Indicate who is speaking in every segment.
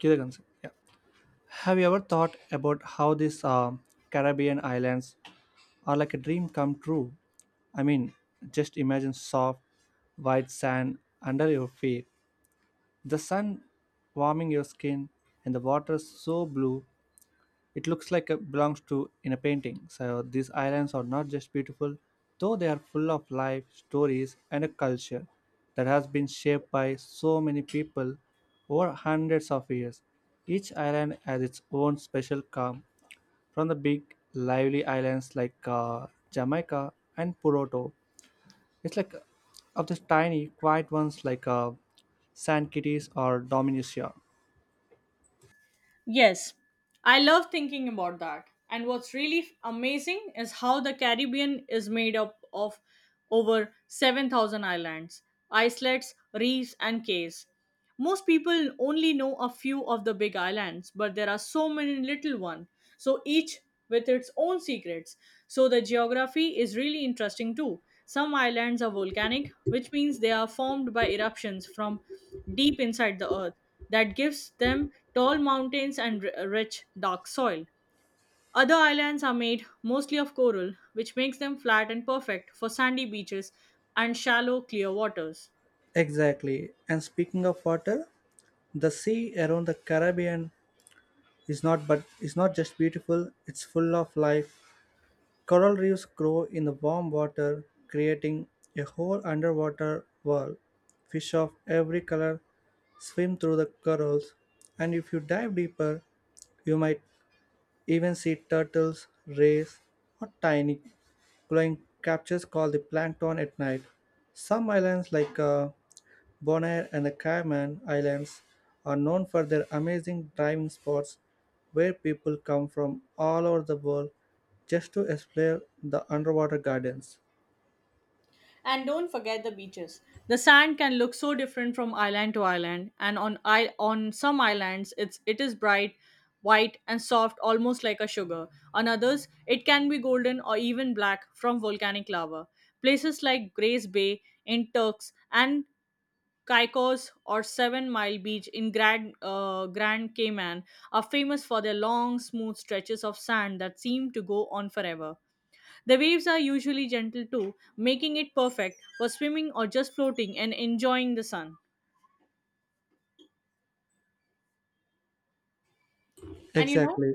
Speaker 1: Kyrgyz, yeah. Have you ever thought about how these Caribbean islands are like a dream come true? I mean, just imagine soft, white sand under your feet, the sun warming your skin, and the water so blue it looks like it belongs to in a painting. So these islands are not just beautiful, though they are full of life, stories, and a culture that has been shaped by so many people over hundreds of years. Each island has its own special charm, from the big, lively islands like Jamaica and Puerto. It's like of the tiny, quiet ones like San Kitts or Dominica.
Speaker 2: Yes, I love thinking about that. And what's really amazing is how the Caribbean is made up of over 7,000 islands, islets, reefs, and cays. Most people only know a few of the big islands, but there are so many little ones, so each with its own secrets. So the geography is really interesting too. Some islands are volcanic, which means they are formed by eruptions from deep inside the earth. That gives them tall mountains and rich dark soil. Other islands are made mostly of coral, which makes them flat and perfect for sandy beaches and shallow clear waters.
Speaker 1: Exactly. And speaking of water, the sea around the Caribbean is not but is not just beautiful, it's full of life. Coral reefs grow in the warm water, creating a whole underwater world. Fish of every color swim through the corals, and if you dive deeper, you might even see turtles, rays, or tiny glowing captures called the plankton at night. Some islands like Bonaire and the Cayman Islands are known for their amazing diving spots where people come from all over the world just to explore the underwater gardens.
Speaker 2: And don't forget the beaches. The sand can look so different from island to island, and on some islands it is bright, white and soft, almost like a sugar. On others it can be golden or even black from volcanic lava. Places like Grace Bay in Turks and Caicos or Seven Mile Beach in Grand Cayman are famous for their long, smooth stretches of sand that seem to go on forever. The waves are usually gentle too, making it perfect for swimming or just floating and enjoying the sun. And you know.
Speaker 1: Exactly.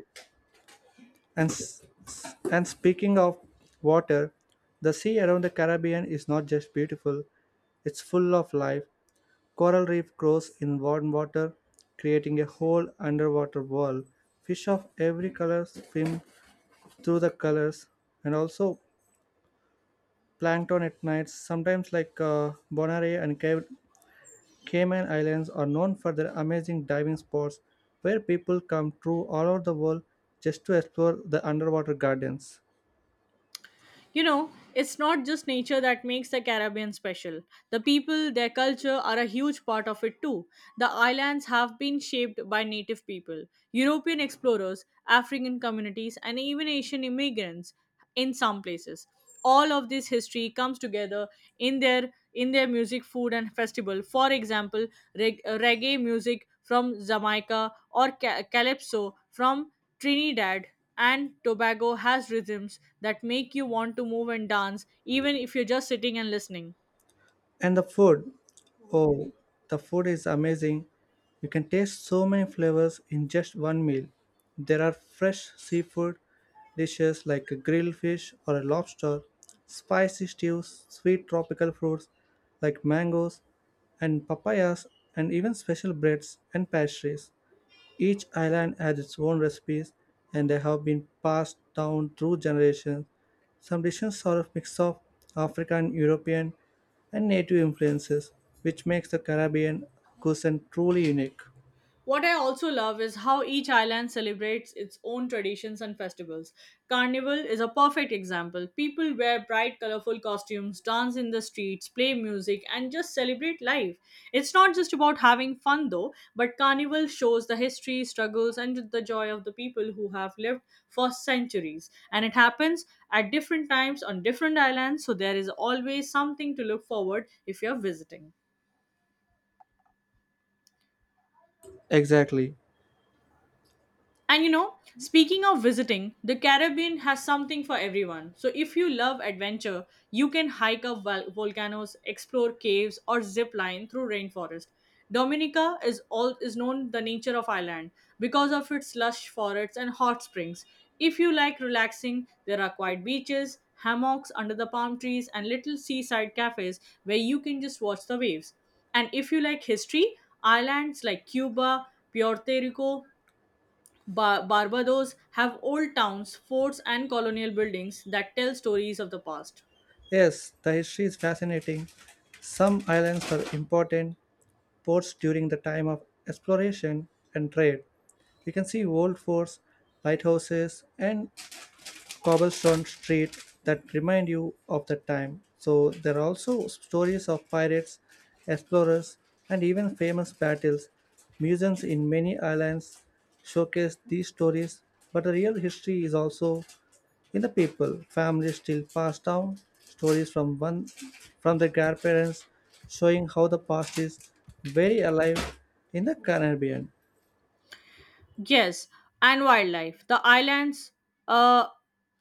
Speaker 1: And speaking of water, the sea around the Caribbean is not just beautiful, it's full of life. Coral reef grows in warm water, creating a whole underwater world. Fish of every color swim through the colors, and also plankton at night, sometimes like Bonaire and Cayman Islands, are known for their amazing diving spots where people come through all over the world just to explore the underwater gardens.
Speaker 2: You know, it's not just nature that makes the Caribbean special. The people, their culture are a huge part of it too. The islands have been shaped by native people, European explorers, African communities, and even Asian immigrants in some places. All of this history comes together in their music, food, and festival. For example, reggae music from Jamaica or calypso from Trinidad and Tobago has rhythms that make you want to move and dance, even if you're just sitting and listening.
Speaker 1: And the food, oh, the food is amazing. You can taste so many flavors in just one meal. There are fresh seafood dishes like a grilled fish or a lobster, spicy stews, sweet tropical fruits like mangoes and papayas, and even special breads and pastries. Each island has its own recipes, and they have been passed down through generations. Some dishes are a mix of African, European, and native influences, which makes the Caribbean cuisine truly unique.
Speaker 2: What I also love is how each island celebrates its own traditions and festivals. Carnival is a perfect example. People wear bright, colorful costumes, dance in the streets, play music, and just celebrate life. It's not just about having fun though, but Carnival shows the history, struggles, and the joy of the people who have lived for centuries. And it happens at different times on different islands, so there is always something to look forward if you're visiting.
Speaker 1: Exactly.
Speaker 2: And you know, speaking of visiting, the Caribbean has something for everyone. So if you love adventure, you can hike up volcanoes, explore caves, or zip line through rainforest. Dominica is known the nature of island because of its lush forests and hot springs. If you like relaxing, there are quiet beaches, hammocks under the palm trees, and little seaside cafes where you can just watch the waves. And if you like history, islands like Cuba, Puerto Rico, Barbados have old towns, forts, and colonial buildings that tell stories of the past.
Speaker 1: Yes, the history is fascinating. Some islands were important ports during the time of exploration and trade. You can see old forts, lighthouses, and cobblestone street that remind you of that time. So there are also stories of pirates, explorers, and even famous battles. Museums in many islands showcase these stories, but the real history is also in the people. Families still pass down stories from one from their grandparents, showing how the past is very alive in the Caribbean.
Speaker 2: Yes, and wildlife. The islands uh,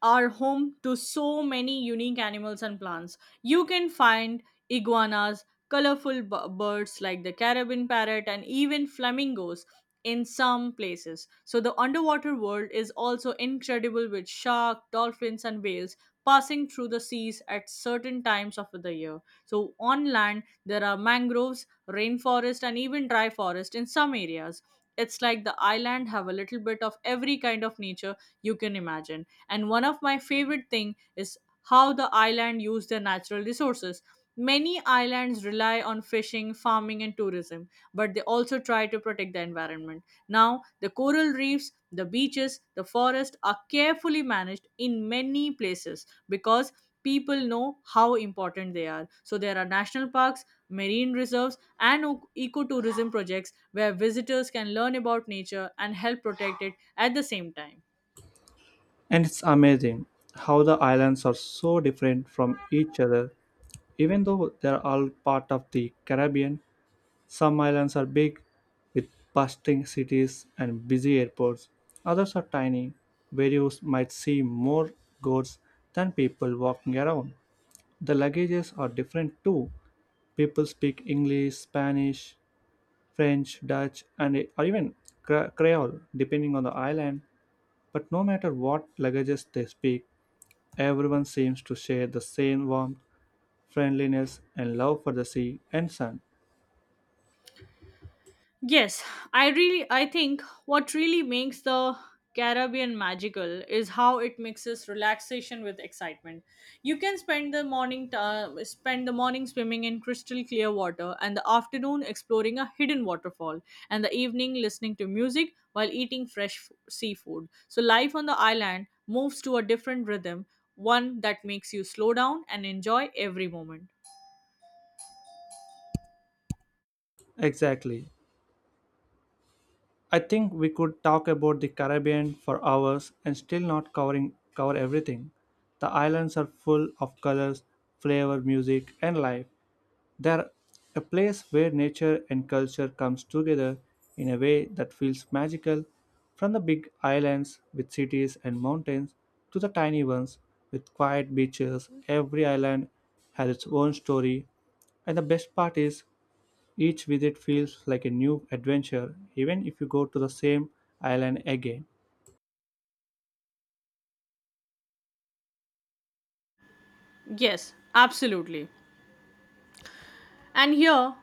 Speaker 2: are home to so many unique animals and plants. You can find iguanas, colorful birds like the Caribbean parrot, and even flamingos in some places. So, the underwater world is also incredible, with shark, dolphins, and whales passing through the seas at certain times of the year. So, on land, there are mangroves, rainforest, and even dry forest in some areas. It's like the island have a little bit of every kind of nature you can imagine. And one of my favorite thing is how the island use their natural resources. Many islands rely on fishing, farming, and tourism, but they also try to protect the environment. Now, the coral reefs, the beaches, the forest are carefully managed in many places because people know how important they are. So, there are national parks, marine reserves, and ecotourism projects where visitors can learn about nature and help protect it at the same time.
Speaker 1: And it's amazing how the islands are so different from each other, even though they're all part of the Caribbean. Some islands are big, with bustling cities and busy airports. Others are tiny, where you might see more goats than people walking around. The languages are different too. People speak English, Spanish, French, Dutch, and or even Creole, depending on the island. But no matter what languages they speak, everyone seems to share the same warmth, friendliness, and love for the sea and sun.
Speaker 2: Yes, I think what really makes the Caribbean magical is how it mixes relaxation with excitement. You can spend the morning t- spend the morning swimming in crystal clear water, and the afternoon exploring a hidden waterfall, and the evening listening to music while eating fresh seafood. So life on the island moves to a different rhythm, one that makes you slow down and enjoy every moment.
Speaker 1: Exactly. I think we could talk about the Caribbean for hours and still not cover everything. The islands are full of colors, flavor, music, and life. They're a place where nature and culture comes together in a way that feels magical. From the big islands with cities and mountains to the tiny ones with quiet beaches, every island has its own story. And the best part is each visit feels like a new adventure, even if you go to the same island again.
Speaker 2: Yes, absolutely. And here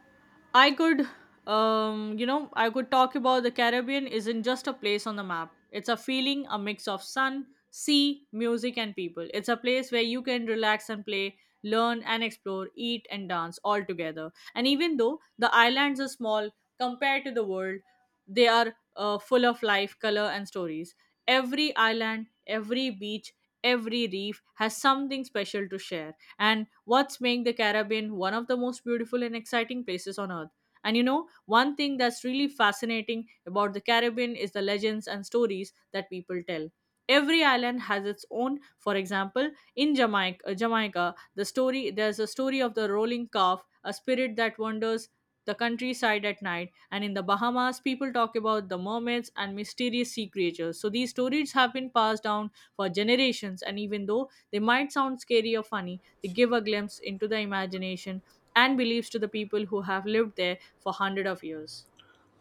Speaker 2: i could I could talk about the Caribbean. Isn't just a place on the map, it's a feeling, a mix of sun, sea, music, and people. It's a place where you can relax and play, learn and explore, eat and dance all together. And even though the islands are small compared to the world, they are full of life, color, and stories. Every island, every beach, every reef has something special to share. And what's making the Caribbean one of the most beautiful and exciting places on earth. And you know, one thing that's really fascinating about the Caribbean is the legends and stories that people tell. Every island has its own. For example, in Jamaica, there's a story of the rolling calf, a spirit that wanders the countryside at night. And in the Bahamas, people talk about the mermaids and mysterious sea creatures. So these stories have been passed down for generations, and even though they might sound scary or funny, they give a glimpse into the imagination and beliefs to the people who have lived there for hundreds of years.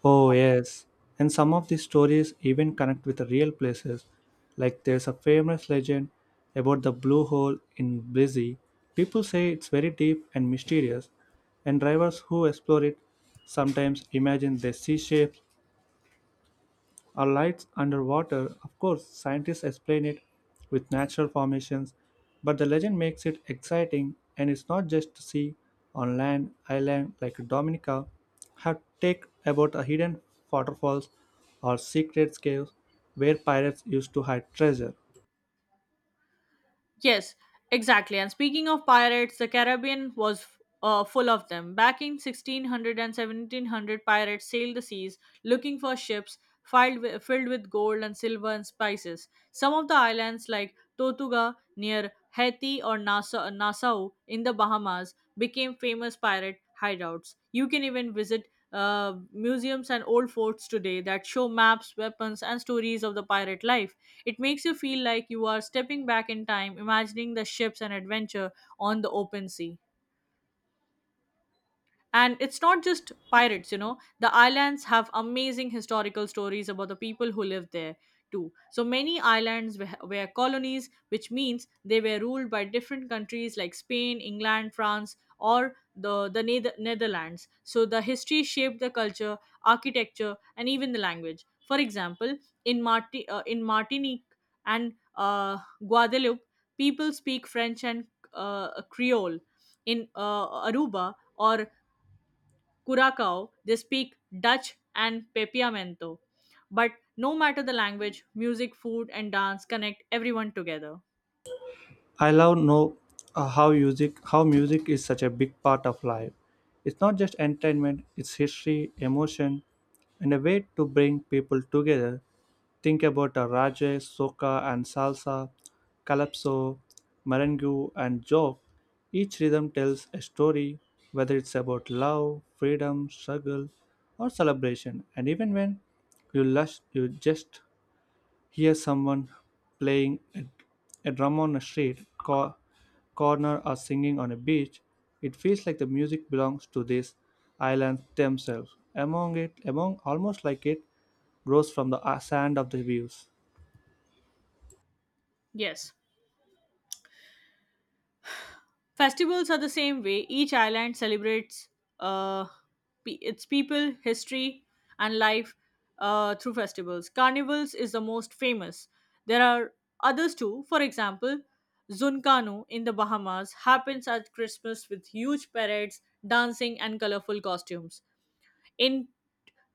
Speaker 1: Oh, yes. And some of these stories even connect with the real places. Like there's a famous legend about the blue hole in Belize. People say it's very deep and mysterious, and drivers who explore it sometimes imagine they see shapes are lights underwater. Of course, scientists explain it with natural formations, but the legend makes it exciting, and it's not just to see on land island like Dominica have take about a hidden waterfalls or secret caves where pirates used to hide treasure.
Speaker 2: Yes, exactly. And speaking of pirates, the Caribbean was full of them. Back in 1600 and 1700, pirates sailed the seas looking for ships filled with gold and silver and spices. Some of the islands, like Tortuga near Haiti or Nassau in the Bahamas, became famous pirate hideouts. You can even visit museums and old forts today that show maps, weapons, and stories of the pirate life. It makes you feel like you are stepping back in time, imagining the ships and adventure on the open sea. And it's not just pirates, you know, the islands have amazing historical stories about the people who lived there too. So many islands were colonies, which means they were ruled by different countries like Spain, England, France, or the Netherlands. So the history shaped the culture, architecture, and even the language. For example, in Martinique and Guadeloupe, people speak French and Creole. In Aruba or Curacao, they speak Dutch and Papiamento. But no matter the language, music, food, and dance connect everyone together.
Speaker 1: I love know how music is such a big part of life. It's not just entertainment, it's history, emotion, and a way to bring people together. Think about a Rajay, Soca and Salsa, Calypso, Merengue and Joke. Each rhythm tells a story, whether it's about love, freedom, struggle, or celebration. And even when you lush, you just here's someone playing a drum on a corner or singing on a beach. It feels like the music belongs to these islands themselves. Among it, among almost like it grows from the sand of the views.
Speaker 2: Yes. Festivals are the same way. Each island celebrates uh, its people, history, and life through festivals. Carnivals is the most famous. There are others too. For example, Zuncano in the Bahamas happens at Christmas with huge parades, dancing, and colorful costumes. In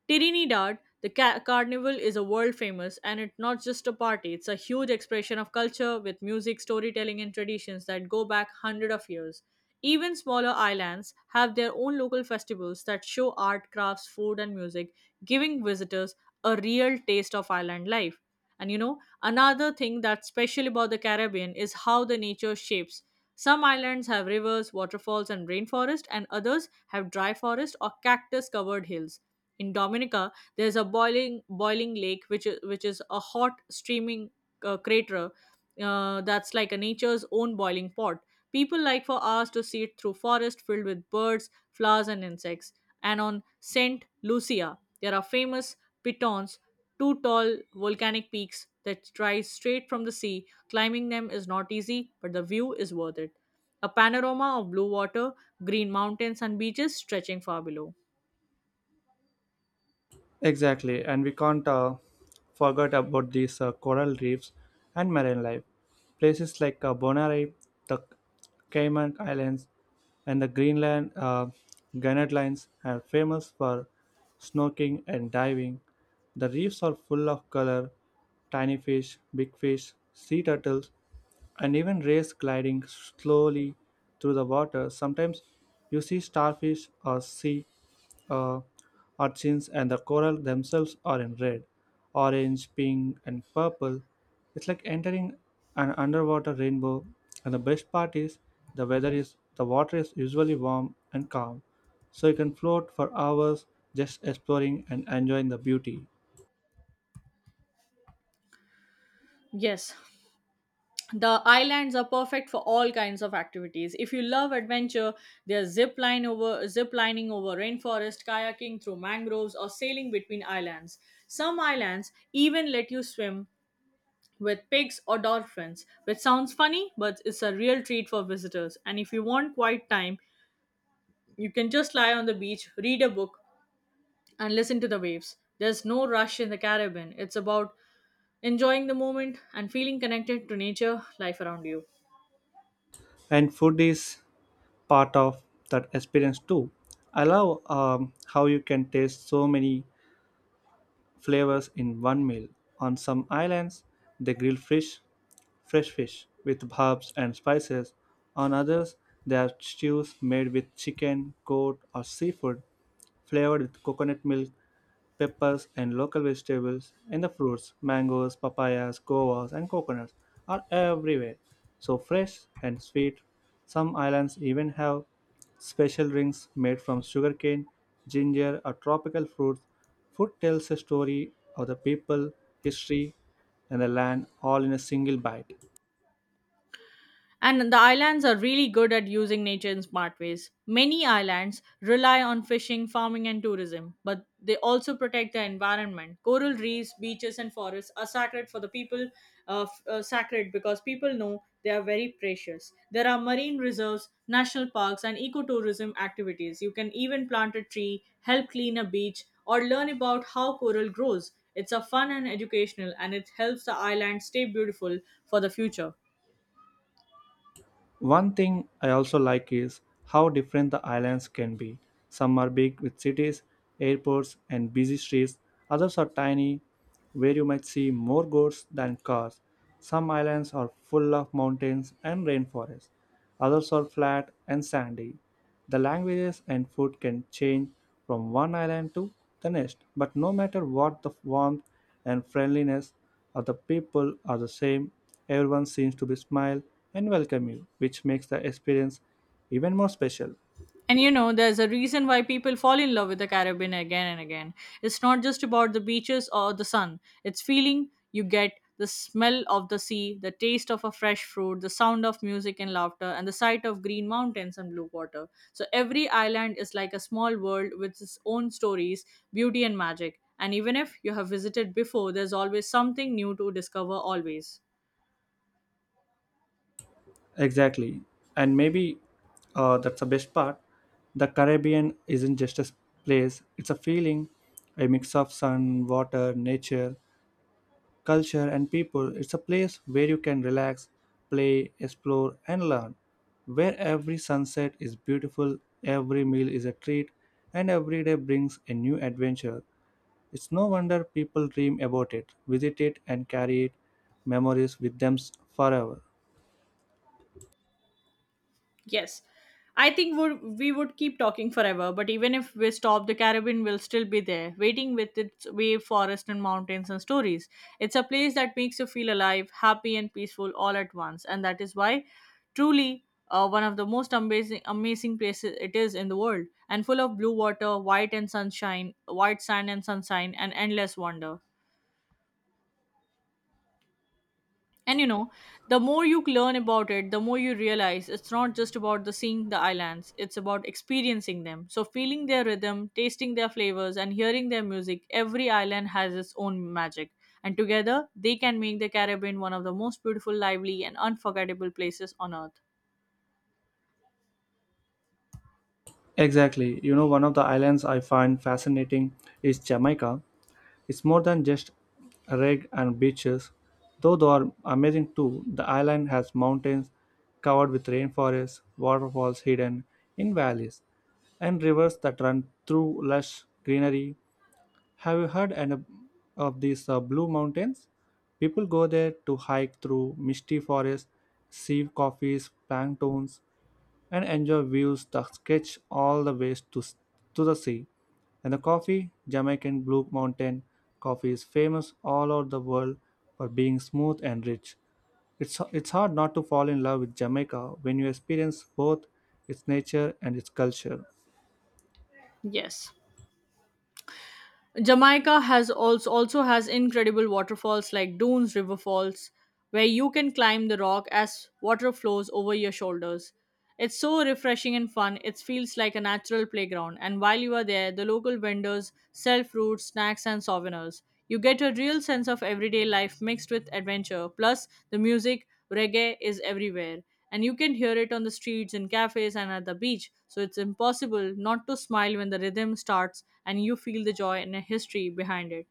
Speaker 2: Trinidad, the carnival is a world famous, and it's not just a party, it's a huge expression of culture with music, storytelling, and traditions that go back hundreds of years. Even smaller islands have their own local festivals that show art, crafts, food, and music, giving visitors a real taste of island life. And you know, another thing that's special about the Caribbean is how the nature shapes. Some islands have rivers, waterfalls, and rainforest, and others have dry forest or cactus covered hills. In Dominica, there's a boiling lake, which is a hot streaming crater, that's like a nature's own boiling pot. People like for hours to see it through forest filled with birds, flowers, and insects. And on Saint Lucia, there are famous pitons, two tall volcanic peaks that rise straight from the sea. Climbing them is not easy, but the view is worth it. A panorama of blue water, green mountains, and beaches stretching far below.
Speaker 1: Exactly, and we can't forget about these coral reefs and marine life. Places like Bonaire, the Cayman Islands, and the Greenland Gannet Lines are famous for snorkeling and diving. The reefs are full of color, tiny fish, big fish, sea turtles, and even rays gliding slowly through the water. Sometimes you see starfish or sea uh, urchins, and the coral themselves are in red, orange, pink, and purple. It's like entering an underwater rainbow. And the best part is the water is usually warm and calm, so you can float for hours just exploring and enjoying the beauty.
Speaker 2: Yes, the islands are perfect for all kinds of activities. If you love adventure, there's zip lining over rainforest, kayaking through mangroves, or sailing between islands. Some islands even let you swim with pigs or dolphins, which sounds funny, but it's a real treat for visitors. And if you want quiet time, you can just lie on the beach, read a book, and listen to the waves. There's no rush in the Caribbean. It's about enjoying the moment and feeling connected to nature life around you.
Speaker 1: And food is part of that experience too. I love how you can taste so many flavors in one meal. On some islands they grill fish, fresh fish, with herbs and spices. On others there are stews made with chicken, goat, or seafood, flavored with coconut milk, peppers, and local vegetables. And the fruits, mangoes, papayas, guavas, and coconuts are everywhere. So fresh and sweet. Some islands even have special drinks made from sugarcane, ginger, or tropical fruits. Food tells a story of the people, history, and the land all in a single bite.
Speaker 2: And the islands are really good at using nature in smart ways. Many islands rely on fishing, farming, and tourism, but they also protect the environment. Coral reefs, beaches, and forests are sacred for the people, sacred because people know they are very precious. There are marine reserves, national parks, and ecotourism activities. You can even plant a tree, help clean a beach, or learn about how coral grows. It's a fun and educational, and it helps the island stay beautiful for the future.
Speaker 1: One thing I also like is how different the islands can be. Some are big with cities, airports, and busy streets, others are tiny, where you might see more goats than cars. Some islands are full of mountains and rainforests, others are flat and sandy. The languages and food can change from one island to the next, but no matter what, the warmth and friendliness of the people are the same. Everyone seems to be smile and welcome you, which makes the experience even more special.
Speaker 2: And you know, there's a reason why people fall in love with the Caribbean again and again. It's not just about the beaches or the sun, it's feeling you get the smell of the sea, the taste of a fresh fruit, the sound of music and laughter, and the sight of green mountains and blue water. So every island is like a small world with its own stories, beauty, and magic. And even if you have visited before, there's always something new to discover, always.
Speaker 1: Exactly, and maybe that's the best part. The Caribbean isn't just a place; it's a feeling, a mix of sun, water, nature, culture, and people. It's a place where you can relax, play, explore, and learn, where every sunset is beautiful, every meal is a treat, and every day brings a new adventure. It's no wonder people dream about it, visit it, and carry it memories with them forever.
Speaker 2: Yes. I think would we would keep talking forever, but even if we stop, the Caribbean will still be there, waiting with its wave, forest, and mountains and stories. It's a place that makes you feel alive, happy, and peaceful all at once, and that is why, truly, one of the most amazing places it is in the world, and full of blue water, white and sunshine, white sand and sunshine, and endless wonder. And you know, the more you learn about it, the more you realize it's not just about the seeing the islands, it's about experiencing them. So feeling their rhythm, tasting their flavors and hearing their music, every island has its own magic. And together, they can make the Caribbean one of the most beautiful, lively and unforgettable places on earth.
Speaker 1: Exactly. You know, one of the islands I find fascinating is Jamaica. It's more than just reg and beaches, though they are amazing too. The island has mountains covered with rainforests, waterfalls hidden in valleys, and rivers that run through lush greenery. Have you heard of these Blue Mountains? People go there to hike through misty forests, see coffees, planktons, and enjoy views that stretch all the way to the sea. And the coffee, Jamaican Blue Mountain coffee is famous all over the world for being smooth and rich. It's hard not to fall in love with Jamaica when you experience both its nature and its culture.
Speaker 2: Yes. Jamaica has also has incredible waterfalls like Dunes River Falls, where you can climb the rock as water flows over your shoulders. It's so refreshing and fun. It feels like a natural playground. And while you are there, the local vendors sell fruits, snacks, and souvenirs. You get a real sense of everyday life mixed with adventure. Plus, the music, reggae, is everywhere and you can hear it on the streets in cafes and at the beach. So it's impossible not to smile when the rhythm starts and you feel the joy and the history behind it.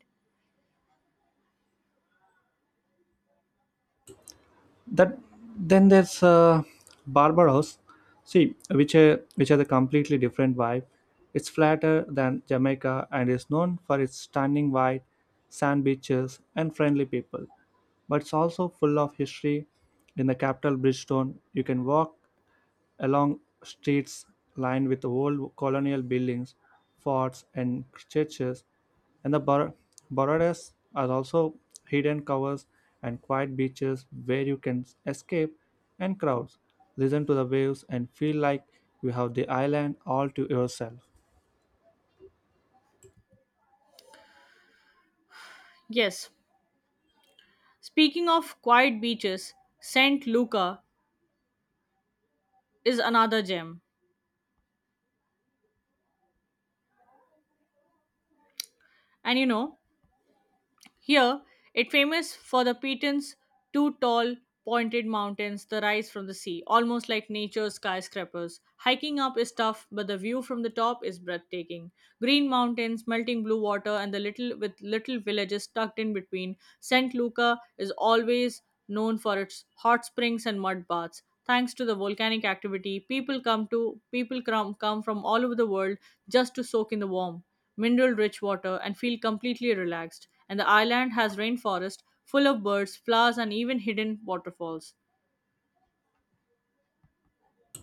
Speaker 1: That Then there's Barbados, see which has a completely different vibe. It's flatter than Jamaica and is known for its stunning white sand beaches and friendly people, but it's also full of history. In the capital Bridgestone you can walk along streets lined with old colonial buildings, forts, and churches. And the Borderes are also hidden covers and quiet beaches where you can escape and crowds, listen to the waves, and feel like you have the island all to yourself.
Speaker 2: Yes, speaking of quiet beaches, Saint Luca is another gem. And you know, here, it famous for the Petan's two tall, pointed mountains that rise from the sea, almost like nature's skyscrapers. Hiking up is tough, but the view from the top is breathtaking. Green mountains, melting blue water, and the little with little villages tucked in between. Saint Luca is always known for its hot springs and mud baths. Thanks to the volcanic activity, people come from all over the world just to soak in the warm mineral rich water, and feel completely relaxed. And the island has rainforest full of birds, flowers, and even hidden waterfalls.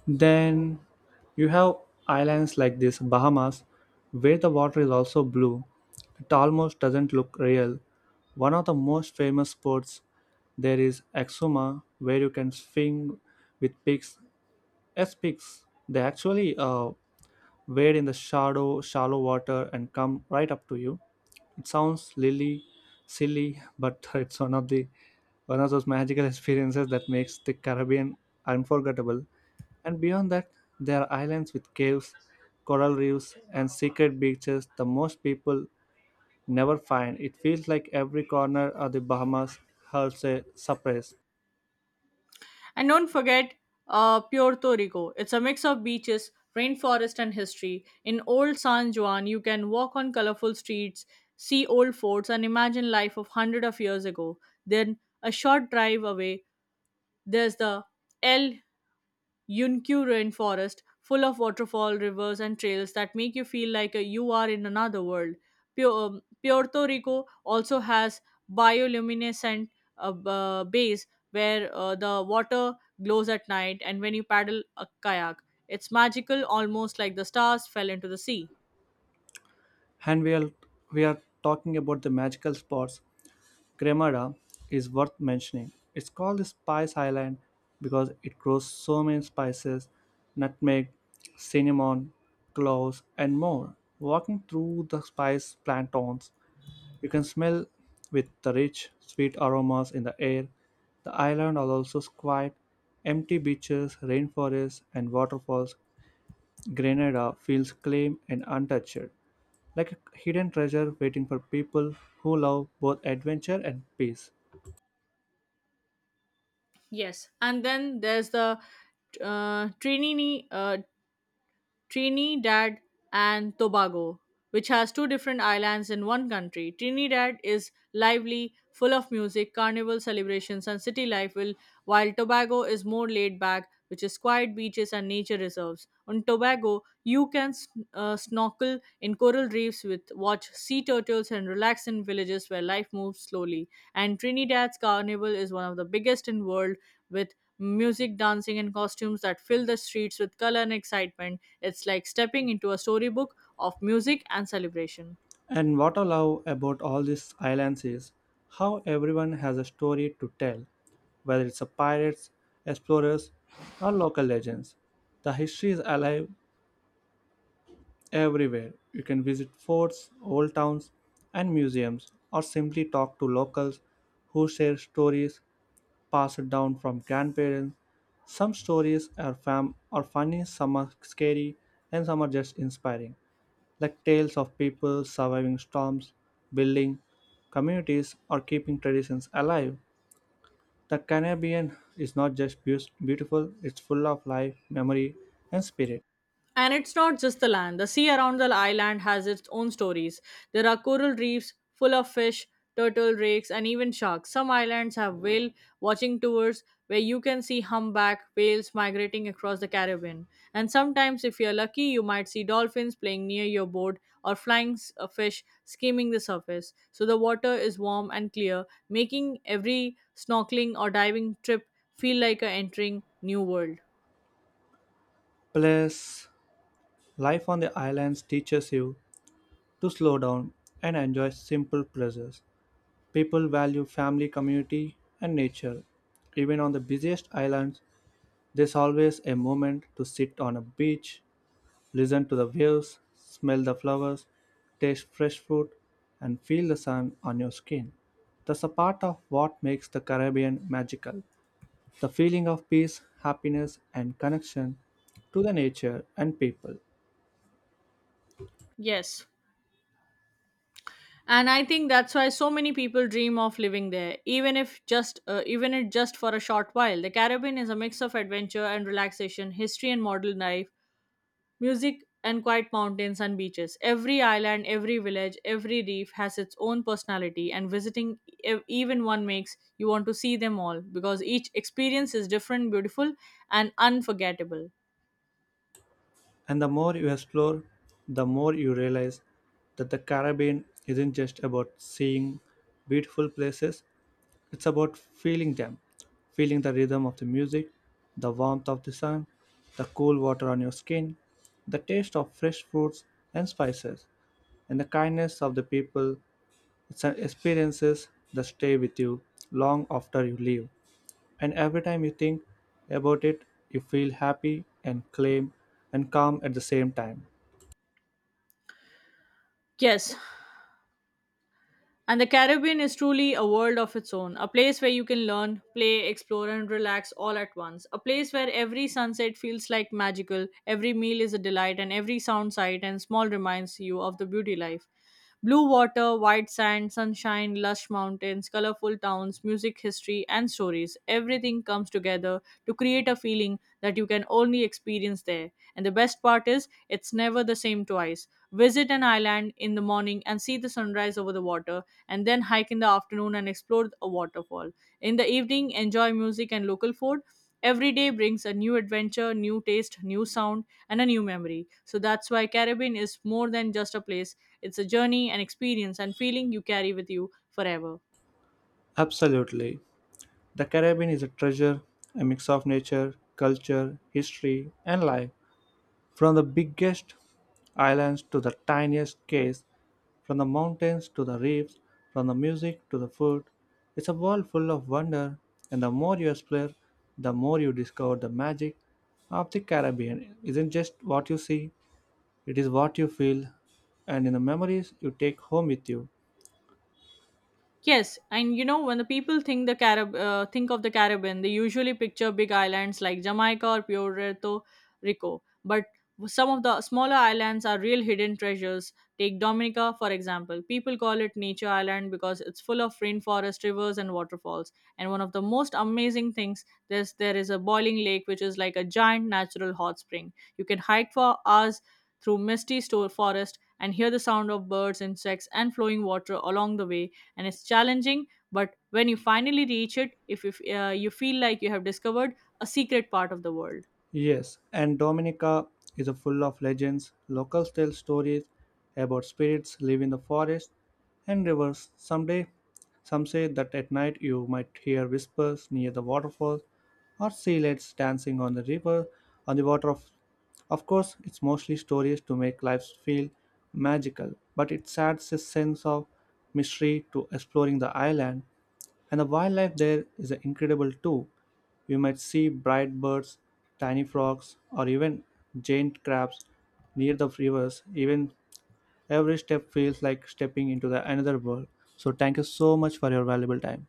Speaker 1: Then you have islands like this Bahamas where the water is also blue. It almost doesn't look real. One of the most famous sports there is Exuma where you can swing with pigs as pigs. They actually wade in the shallow water and come right up to you. It sounds lily silly but it's one of those magical experiences that makes the Caribbean unforgettable. And beyond that there are islands with caves, coral reefs, and secret beaches the most people never find. It feels like every corner of the Bahamas holds a surprise.
Speaker 2: And don't forget Puerto Rico. It's a mix of beaches, rainforest, and history. In Old San Juan, you can walk on colorful streets, see old forts, and imagine life of hundreds of years ago. Then, a short drive away, there's the El Yunkyu rainforest, full of waterfall, rivers, and trails that make you feel like you are in another world. Puerto Rico also has bioluminescent bays where the water glows at night, and when you paddle a kayak, it's magical, almost like the stars fell into the sea.
Speaker 1: And we are We are talking about the magical spots. Cremada is worth mentioning. It's called the Spice Island because it grows so many spices, nutmeg, cinnamon, cloves, and more. Walking through the spice plantains, you can smell with the rich, sweet aromas in the air. The island also quiet, empty beaches, rainforests, and waterfalls. Grenada feels calm and untouched, like a hidden treasure waiting for people who love both adventure and peace.
Speaker 2: Yes, and then there's the Trinity. Trinidad and Tobago, which has two different islands in one country. Trinidad is lively, full of music, carnival celebrations, and city life, while Tobago is more laid back, which is quiet beaches and nature reserves. On Tobago, you can snorkel in coral reefs with watch sea turtles and relax in villages where life moves slowly. And Trinidad's carnival is one of the biggest in world with music, dancing and costumes that fill the streets with color and excitement. It's like stepping into a storybook of music and celebration.
Speaker 1: And what I love about all these islands is how everyone has a story to tell, whether it's a pirates, explorers, or local legends. The history is alive everywhere. You can visit forts, old towns, and museums, or simply talk to locals who share stories passed down from grandparents. Some stories are fam are funny, some are scary, and some are just inspiring like tales of people surviving storms, building communities, or keeping traditions alive. The Caribbean is not just beautiful, it's full of life, memory, and spirit.
Speaker 2: And it's not just the land. The sea around the island has its own stories. There are coral reefs full of fish, turtle, rakes, and even sharks. Some islands have whale watching tours where you can see humpback whales migrating across the Caribbean. And sometimes, if you're lucky, you might see dolphins playing near your boat or flying fish skimming the surface. So the water is warm and clear, making every snorkeling or diving trip feel like a entering new world.
Speaker 1: Plus, life on the islands teaches you to slow down and enjoy simple pleasures. People value family, community, and nature. Even on the busiest islands, there's always a moment to sit on a beach, listen to the waves, smell the flowers, taste fresh fruit, and feel the sun on your skin. That's a part of what makes the Caribbean magical, the feeling of peace, happiness, and connection to the nature and people.
Speaker 2: Yes, and I think that's why so many people dream of living there, even if just even it just for a short while. The Caribbean is a mix of adventure and relaxation, history and modern life, music and quiet mountains and beaches. Every island, every village, every reef has its own personality, and visiting even one makes you want to see them all, because each experience is different, beautiful, and unforgettable.
Speaker 1: And the more you explore, the more you realize that the Caribbean isn't just about seeing beautiful places, it's about feeling them, feeling the rhythm of the music, the warmth of the sun, the cool water on your skin, the taste of fresh fruits and spices, and the kindness of the people. It's an experiences that stay with you long after you leave. And every time you think about it, you feel happy and calm at the same time.
Speaker 2: Yes. And the Caribbean is truly a world of its own, a place where you can learn, play, explore, and relax all at once. A place where every sunset feels like magical, every meal is a delight, and every sound, sight, and small reminds you of the beauty life. Blue water, white sand, sunshine, lush mountains, colorful towns, music, history, and stories. Everything comes together to create a feeling that you can only experience there. And the best part is, it's never the same twice. Visit an island in the morning and see the sunrise over the water and then hike in the afternoon and explore a waterfall. In the evening, enjoy music and local food. Every day brings a new adventure, new taste, new sound, and a new memory. So that's why Caribbean is more than just a place. It's a journey, an experience, and feeling you carry with you forever.
Speaker 1: Absolutely. The Caribbean is a treasure, a mix of nature, culture, history, and life. From the biggest islands to the tiniest cays, from the mountains to the reefs, from the music to the food, it's a world full of wonder, and the more you explore, the more you discover the magic of the Caribbean isn't just what you see, it is what you feel, and in the memories you take home with you.
Speaker 2: Yes, and you know when the people think the think of the Caribbean, they usually picture big islands like Jamaica or Puerto Rico. But some of the smaller islands are real hidden treasures. Take Dominica for example. People call it Nature Island because it's full of rainforest, rivers, and waterfalls. And one of the most amazing things there is a boiling lake which is like a giant natural hot spring. You can hike for hours through misty store forest and hear the sound of birds, insects, and flowing water along the way. And it's challenging, but when you finally reach it, if you, you feel like you have discovered a secret part of the world.
Speaker 1: Yes, and Dominica is a full of legends. Locals tell stories about spirits live in the forest and rivers. Someday, some say that at night you might hear whispers near the waterfall or sealets dancing on the river on the water. Of course it's mostly stories to make life feel magical, but it adds a sense of mystery to exploring the island. And the wildlife there is incredible too. You might see bright birds, tiny frogs, or even giant crabs near the rivers. Even every step feels like stepping into the another world. So thank you so much for your valuable time.